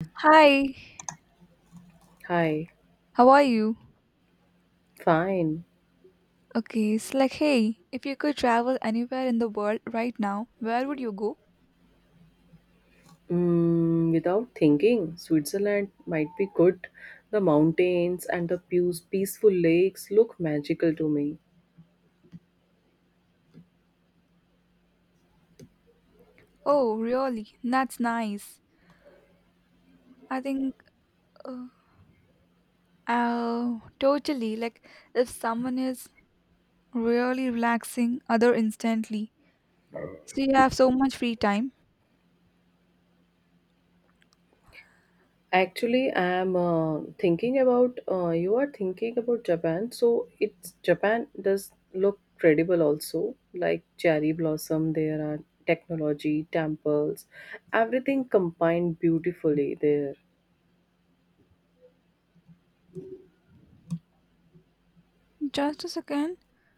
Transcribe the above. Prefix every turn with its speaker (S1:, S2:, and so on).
S1: Hi,
S2: Hi,
S1: how are you?
S2: fine.
S1: Okay, it's like, hey, if you could travel anywhere in the world right now, where would you go?
S2: Mm, without thinking, Switzerland might be good. The mountains and the peace, peaceful lakes look magical to me.
S1: Oh, really? That's nice. I think, uh, oh, totally. Like, if someone is really relaxing, other instantly. So you have so much free time.
S2: Actually, I am thinking about you are thinking about Japan, so it's Japan does look credible also, like cherry blossom. There are technology, temples, everything combined beautifully there.
S1: Just a second.